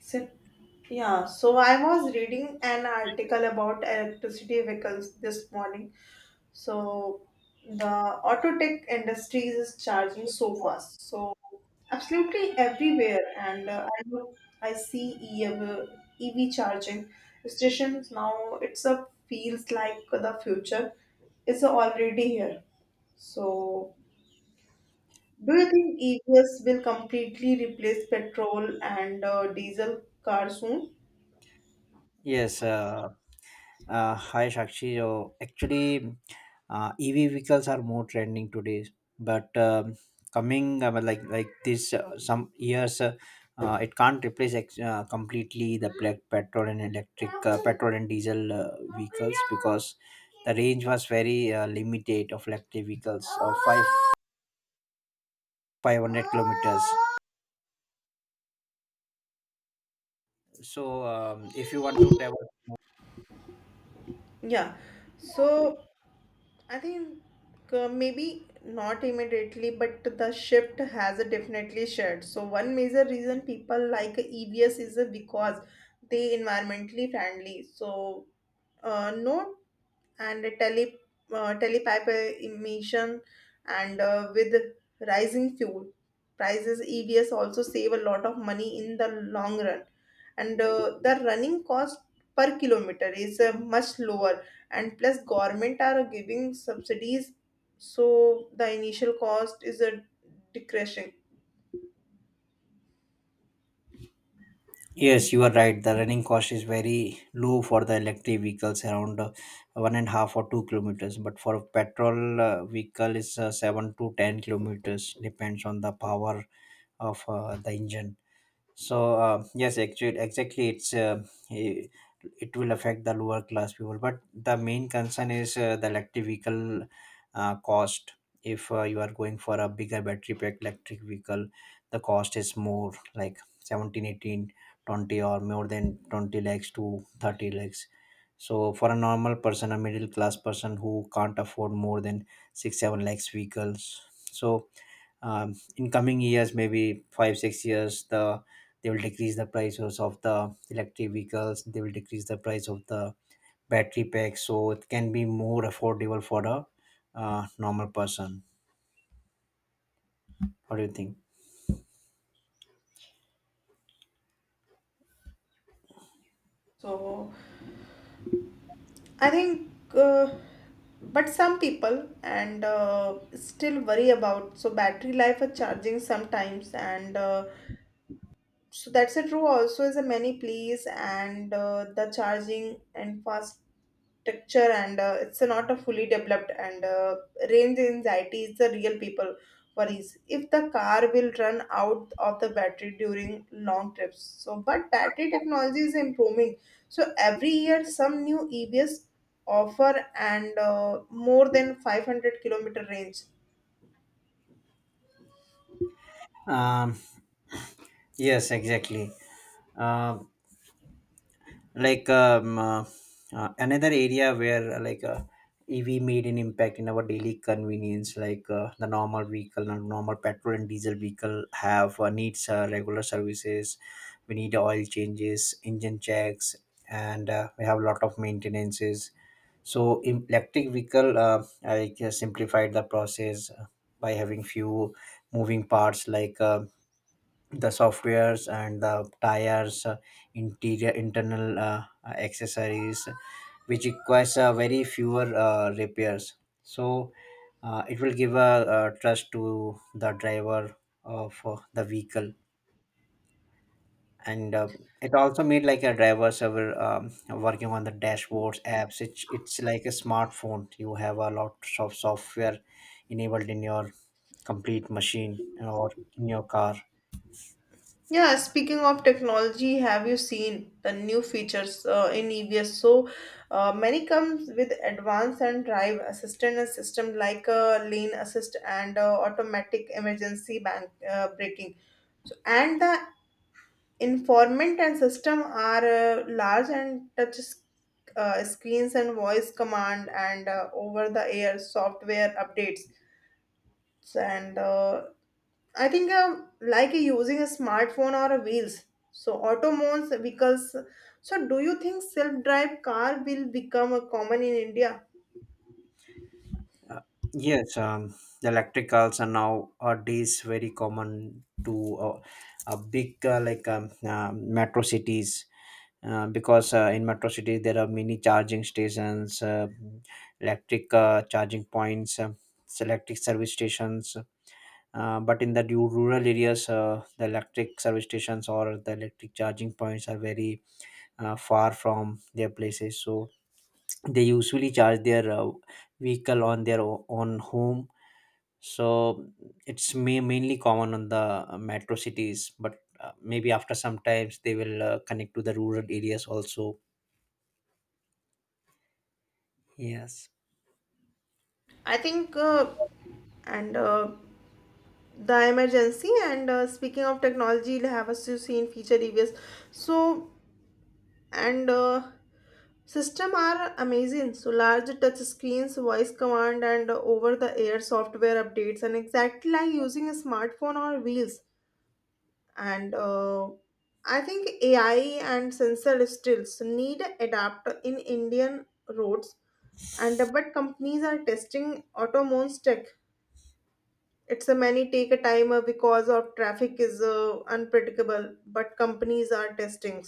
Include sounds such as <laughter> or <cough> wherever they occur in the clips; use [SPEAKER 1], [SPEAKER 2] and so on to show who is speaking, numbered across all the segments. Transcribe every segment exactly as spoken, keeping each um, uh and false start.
[SPEAKER 1] So, yeah, so I was reading an article about electricity vehicles this morning. So, the auto tech industry is charging so fast. So, absolutely everywhere. And uh, I, look- I see EV, E V charging stations now. It's a feels like the future is already here. So, do you think E Vs will completely replace petrol and uh, diesel cars soon?
[SPEAKER 2] Yes, uh, uh, hi Shakshi. So actually, uh, E V vehicles are more trending today, but um, coming, uh, like like this, uh, some years, uh, uh, it can't replace ex- uh, completely the black petrol and electric, uh, petrol and diesel, uh, vehicles, because the range was very uh, limited of electric vehicles of five five hundred kilometers. So um, if you want to travel.
[SPEAKER 1] Yeah. So I think, uh, maybe not immediately, but the shift has definitely shared. So one major reason people like E Vs is because they environmentally friendly. So uh, no and tele, uh, telepiped emission and uh, with rising fuel prices evs also save a lot of money in the long run and uh, the running cost per kilometer is uh, much lower and plus government are giving subsidies, so the initial cost is a decreasing.
[SPEAKER 2] Yes, you are right. The running cost is very low for the electric vehicles, around uh, one and a half or two kilometers. But for a petrol uh, vehicle, is uh, seven to ten kilometers, depends on the power of uh, the engine. So uh, yes, actually, exactly, it's uh, i- it will affect the lower class people. But the main concern is uh, the electric vehicle uh, cost. If uh, you are going for a bigger battery pack electric vehicle, the cost is more like seventeen, eighteen, twenty, or more than twenty lakhs to thirty lakhs. So for a normal person, a middle class person who can't afford more than six, seven lakhs vehicles. So um, in coming years, maybe five six years, the they will decrease the prices of the electric vehicles. They will decrease the price of the battery pack, so it can be more affordable for a uh, normal person. What do you think?
[SPEAKER 1] So I think, uh, but some people and uh, still worry about so battery life or charging sometimes, and uh, so that's a true also is a many please and uh, the charging and fast texture, and uh, it's not a fully developed, and uh, range anxiety is the real people worries if the car will run out of the battery during long trips. So but battery technology is improving, so every year some new evs offer and uh, more than five hundred kilometer range.
[SPEAKER 2] um, yes, exactly. Um like, um, uh, uh, another area where, uh, like, uh, E V made an impact in our daily convenience. Like, uh, the normal vehicle, the normal petrol and diesel vehicle have, uh, needs uh, regular services. We need oil changes, engine checks, and uh, we have a lot of maintenances. So in electric vehicle, uh, I just simplified the process uh, by having few moving parts, like uh, the softwares and the tires, uh, interior, internal uh, uh, accessories, which requires uh, very fewer uh, repairs. So uh, it will give a, uh trust to the driver of uh, the vehicle. And uh, it also made like a driver server, um, working on the dashboards apps. It's, it's like a smartphone. You have a lot of software enabled in your complete machine or in your car.
[SPEAKER 1] Yeah, speaking of technology, have you seen the new features uh, in E V S? So uh, many comes with advanced and drive assistant and system like uh, lane assist and uh, automatic emergency bank uh, braking. So and the informant and system are uh, large and touch uh, screens and voice command and uh, over the air software updates and uh, I think, um, like using a smartphone or a wheels. So automones, vehicles. So do you think self-drive car will become a common in India?
[SPEAKER 2] Uh, Yes, um, the electricals are now nowadays very common to, uh, a big, uh, like, um, uh, metro cities, uh, because uh, in metro cities there are many charging stations, uh, electric uh, charging points, uh, electric service stations. Uh, but in the ru- rural areas, uh, the electric service stations or the electric charging points are very uh, far from their places. So they usually charge their uh, vehicle on their o- own home. So it's ma- mainly common on the uh, metro cities, but uh, maybe after some times they will uh, connect to the rural areas also. Yes.
[SPEAKER 1] I think, uh, and uh, the emergency and uh, speaking of technology, will have us to see in future E Vs. So and uh, system are amazing. So large touch screens, voice command, and over-the-air software updates, and exactly like using a smartphone or wheels, and uh, I think ai and sensor stills need adapt in indian roads, and but companies are testing autonomous tech. It's a many take a time, uh, because of traffic is uh, unpredictable, but companies are testing.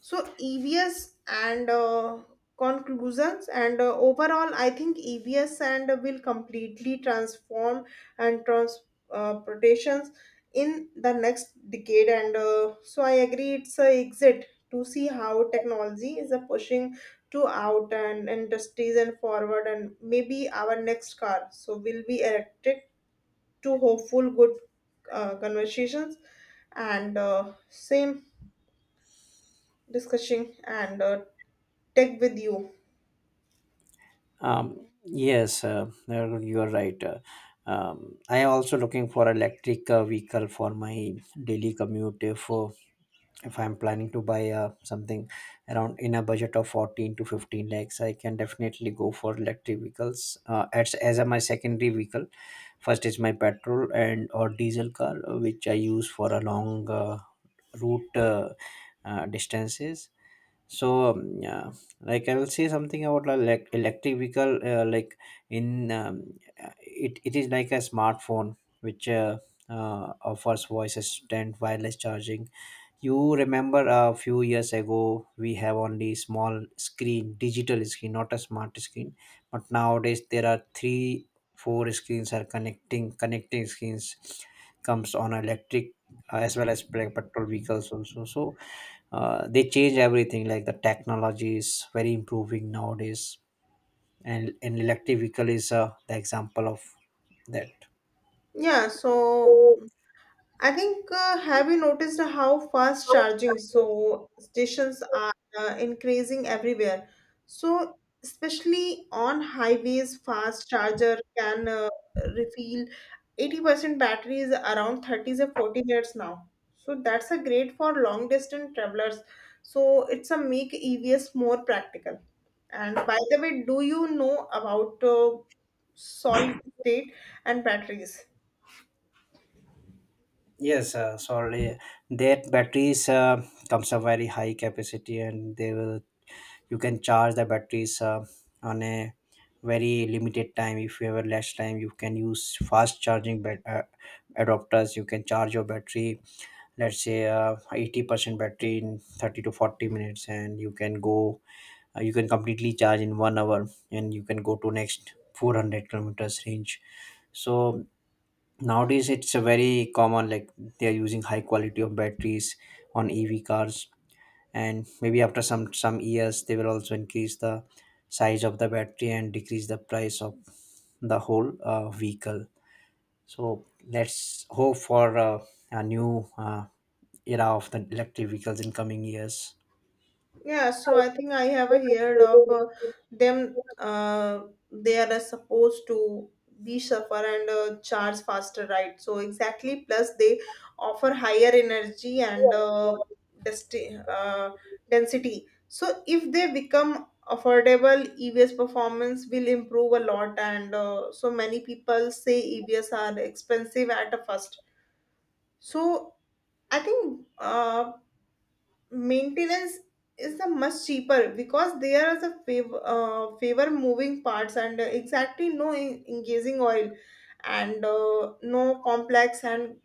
[SPEAKER 1] So E V S and uh, conclusions and uh, overall, I think E V S and will completely transform and transportations in the next decade. And uh, so I agree, it's a exit to see how technology is a pushing to out and industries and forward, and maybe our next car so will be electric. To hopeful good uh, conversations and uh, same discussing and uh, tech with you.
[SPEAKER 2] um Yes, uh, uh, you are right. uh, um, I am also looking for electric uh, vehicle for my daily commute. If uh, if I'm planning to buy uh, something around in a budget of fourteen to fifteen lakhs, I can definitely go for electric vehicles uh, as, as a my secondary vehicle. First is my petrol and or diesel car, uh, which I use for a long uh, route, uh, uh, distances. So um, yeah, like, I will say something about a elec electric vehicle, uh, like, in um, uh, it, it is like a smartphone which uh, uh, offers voice assistant wireless charging. You remember a few years ago we have only small screen, digital screen, not a smart screen. But nowadays there are three, four screens are connecting. Connecting screens comes on electric, uh, as well as pe- petrol vehicles also. So uh, they change everything. Like, the technology is very improving nowadays, and an electric vehicle is uh, the example of that.
[SPEAKER 1] Yeah, so I think, uh, have you noticed how fast charging so stations are uh, increasing everywhere? So, especially on highways, fast charger can uh, refill eighty percent batteries around thirty to forty minutes now. So that's a great for long distance travelers. So it's a make E Vs more practical. And by the way, do you know about uh, solid state and batteries?
[SPEAKER 2] Yes, uh, sorry. That batteries uh, comes a very high capacity, and they will you can charge the batteries uh, on a very limited time. If you have a less time, you can use fast charging bat- uh, adapters. You can charge your battery, let's say uh, eighty percent battery in thirty to forty minutes, and you can go. Uh, you can completely charge in one hour, and you can go to next four hundred kilometers range. So nowadays it's a very common, like, they are using high quality of batteries on E V cars. And maybe after some some years they will also increase the size of the battery and decrease the price of the whole uh, vehicle. So let's hope for uh, a new uh, era of the electric vehicles in coming years.
[SPEAKER 1] Yeah, so I think I have heard of uh, them. Uh, they are uh, supposed to be suffer and uh, charge faster, right? So exactly. Plus, they offer higher energy and uh, desti- uh, density. So if they become affordable, E Vs performance will improve a lot. And uh, so many people say E Vs are expensive at first. So I think. Uh, maintenance is the much cheaper because there is a favor, uh, favor moving parts and exactly no en- engaging oil and uh, no complex and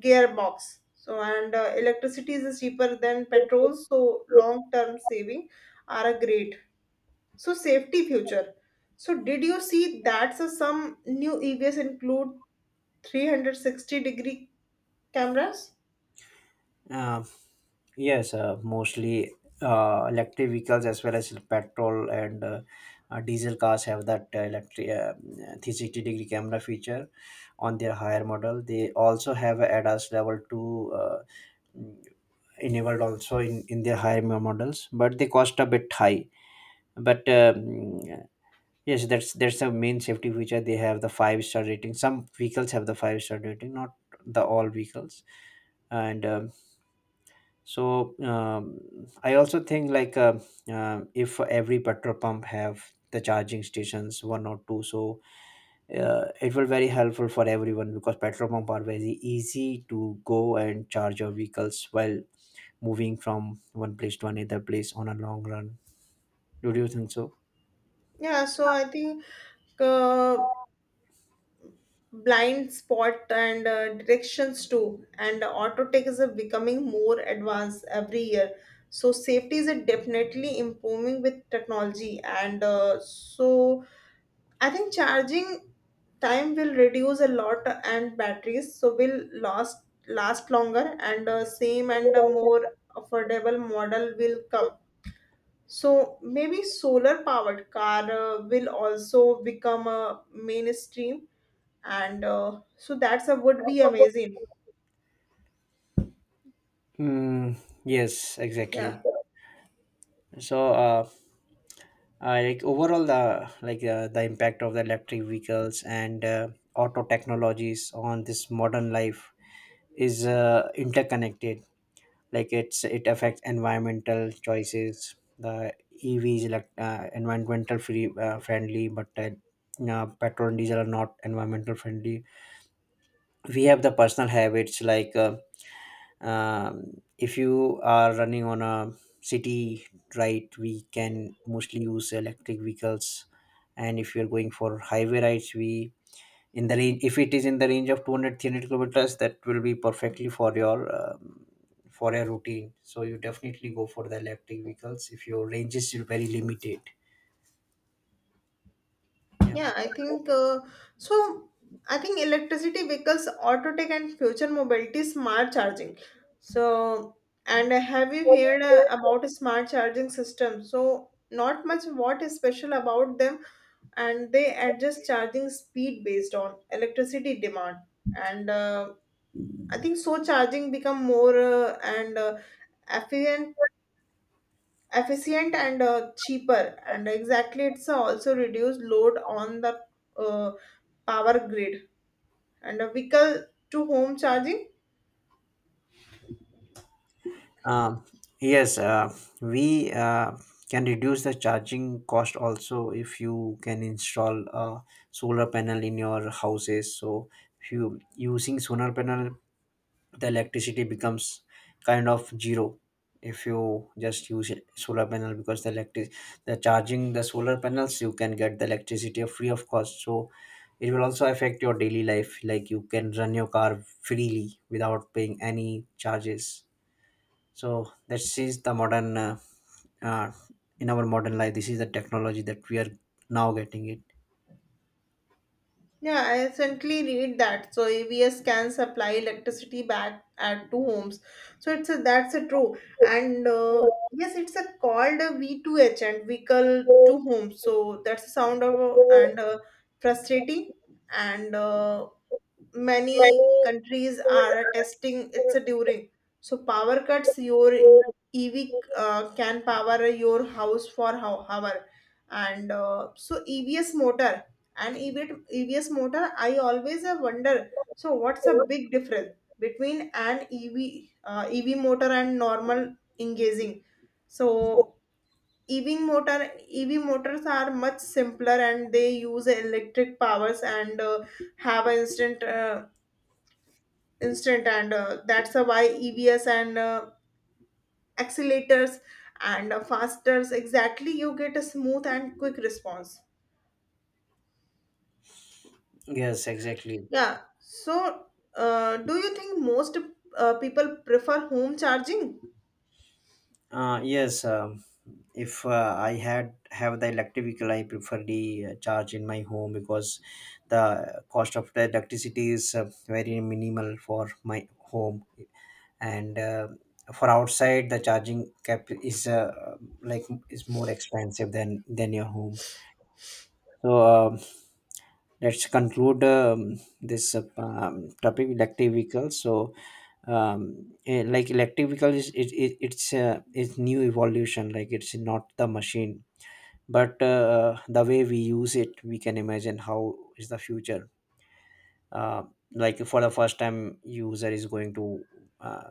[SPEAKER 1] gearbox, so and uh, electricity is cheaper than petrol, so long term saving are a great. So safety future, so did you see that so some new evs include three sixty degree cameras?
[SPEAKER 2] uh, Yes, uh, mostly, uh, electric vehicles as well as petrol and, uh, uh, diesel cars have that uh, electric uh, three sixty degree camera feature on their higher model. They also have a ADAS level two, uh, mm, enabled also in, in their higher mo- models, but they cost a bit high. But um, yes, that's that's the main safety feature. They have the five star rating. Some vehicles have the five star rating, not the all vehicles. And um, so um, I also think, like uh, um if every petrol pump have the charging stations one or two, so uh, it will very helpful for everyone, because petrol pump are very easy to go and charge your vehicles while moving from one place to another place on a long run. Do you think so?
[SPEAKER 1] Yeah, so I think uh. blind spot and uh, directions too, and auto tech is uh, becoming more advanced every year. So safety is uh, definitely improving with technology, and uh, so I think charging time will reduce a lot, and batteries so will last last longer, and uh, same and a more affordable model will come. So maybe solar powered car uh, will also become a mainstream, and uh, so that's a would be
[SPEAKER 2] <laughs>
[SPEAKER 1] amazing.
[SPEAKER 2] mm, yes, exactly.
[SPEAKER 1] Yeah,
[SPEAKER 2] So uh, uh, like, overall, the like, uh, the impact of the electric vehicles and uh, auto technologies on this modern life is uh, interconnected. Like, it's it affects environmental choices. The E Vs, like, uh, environmental, free uh, friendly, but uh, uh, petrol and diesel are not environmental friendly. We have the personal habits. Like, uh, um, if you are running on a city, right, we can mostly use electric vehicles. And if you're going for highway rides, we in the range if it is in the range of two hundred kilometers, that will be perfectly for your um, for your routine. So you definitely go for the electric vehicles if your range is very limited. Yeah.
[SPEAKER 1] yeah, I think, uh, so I think electricity vehicles auto tech and future mobility smart charging. So and have you heard uh, about smart charging system? So not much, what is special about them? And they adjust charging speed based on electricity demand, and uh, I think so charging become more uh, and uh, efficient efficient and uh, cheaper, and exactly it's also reduce load on the uh, power grid and a vehicle to home charging.
[SPEAKER 2] Um, yes, uh, we uh, can reduce the charging cost also if you can install a solar panel in your houses. So if you using solar panel, the electricity becomes kind of zero if you just use it- solar panel, because the electric, the charging, the solar panels you can get the electricity free of cost. So it will also affect your daily life. Like, you can run your car freely without paying any charges. So this is the modern uh, uh, in our modern life this is the technology that we are now getting it.
[SPEAKER 1] Yeah, I recently read that. So A B S can supply electricity back at two homes. So it's a, that's a true. And uh, yes, it's a called a V two H and vehicle to home. So that's the sound of uh, and uh, frustrating. And uh, many countries are testing it's a during. So power cuts your E V uh, can power your house for how hour. And uh, so E V S motor and EV, E Vs motor, I always uh, wonder. So, what's a big difference between an E V uh, E V motor and normal engaging? So, E V motor E V motors are much simpler and they use electric powers and uh, have an instant uh, instant and uh, that's uh, why E Vs and uh, accelerators and uh, fasters, exactly, you get a smooth and quick response.
[SPEAKER 2] Yes, exactly.
[SPEAKER 1] Yeah. So, uh, do you think most uh, people prefer home charging?
[SPEAKER 2] Uh, yes, um, if uh, I had have the electric vehicle, I prefer the uh, charge in my home, because the cost of the electricity is uh, very minimal for my home. And uh, for outside, the charging cap is uh, like, is more expensive than than your home. So um, let's conclude, um, this uh, um, topic, electric vehicles, so um, eh, like, electric vehicle is, it, it, it's uh, it's new evolution. Like, it's not the machine, but uh, the way we use it, we can imagine how is the future. uh, like, for the first time user is going to uh,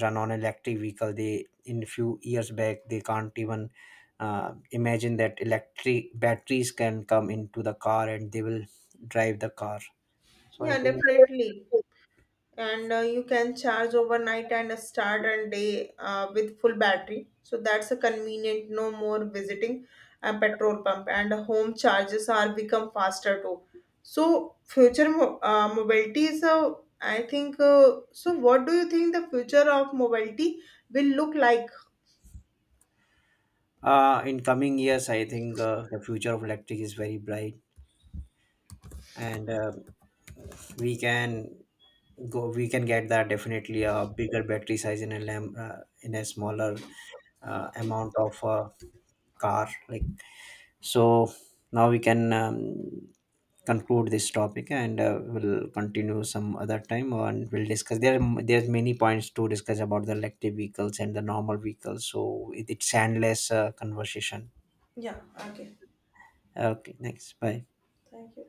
[SPEAKER 2] run on electric vehicle, they in few years back they can't even uh, imagine that electric batteries can come into the car and they will drive the car. So I
[SPEAKER 1] Yeah,
[SPEAKER 2] think.
[SPEAKER 1] definitely. And uh, you can charge overnight and start a day uh, with full battery. So that's a convenient. No more visiting a petrol pump, and home charges are become faster too. So future mo- uh, mobility is a I think. Uh, so what do you think the future of mobility will look like?
[SPEAKER 2] Uh, in coming years I think uh, the future of electric is very bright. And uh, we can go we can get that definitely a bigger battery size, in a lamp uh, in a smaller uh, amount of uh, car, like. So now we can um, conclude this topic, and uh, we'll continue some other time and we'll discuss. There are there's many points to discuss about the electric vehicles and the normal vehicles. So it, it's endless uh, conversation.
[SPEAKER 1] Yeah. Okay.
[SPEAKER 2] Okay, thanks. Bye.
[SPEAKER 1] Thank you.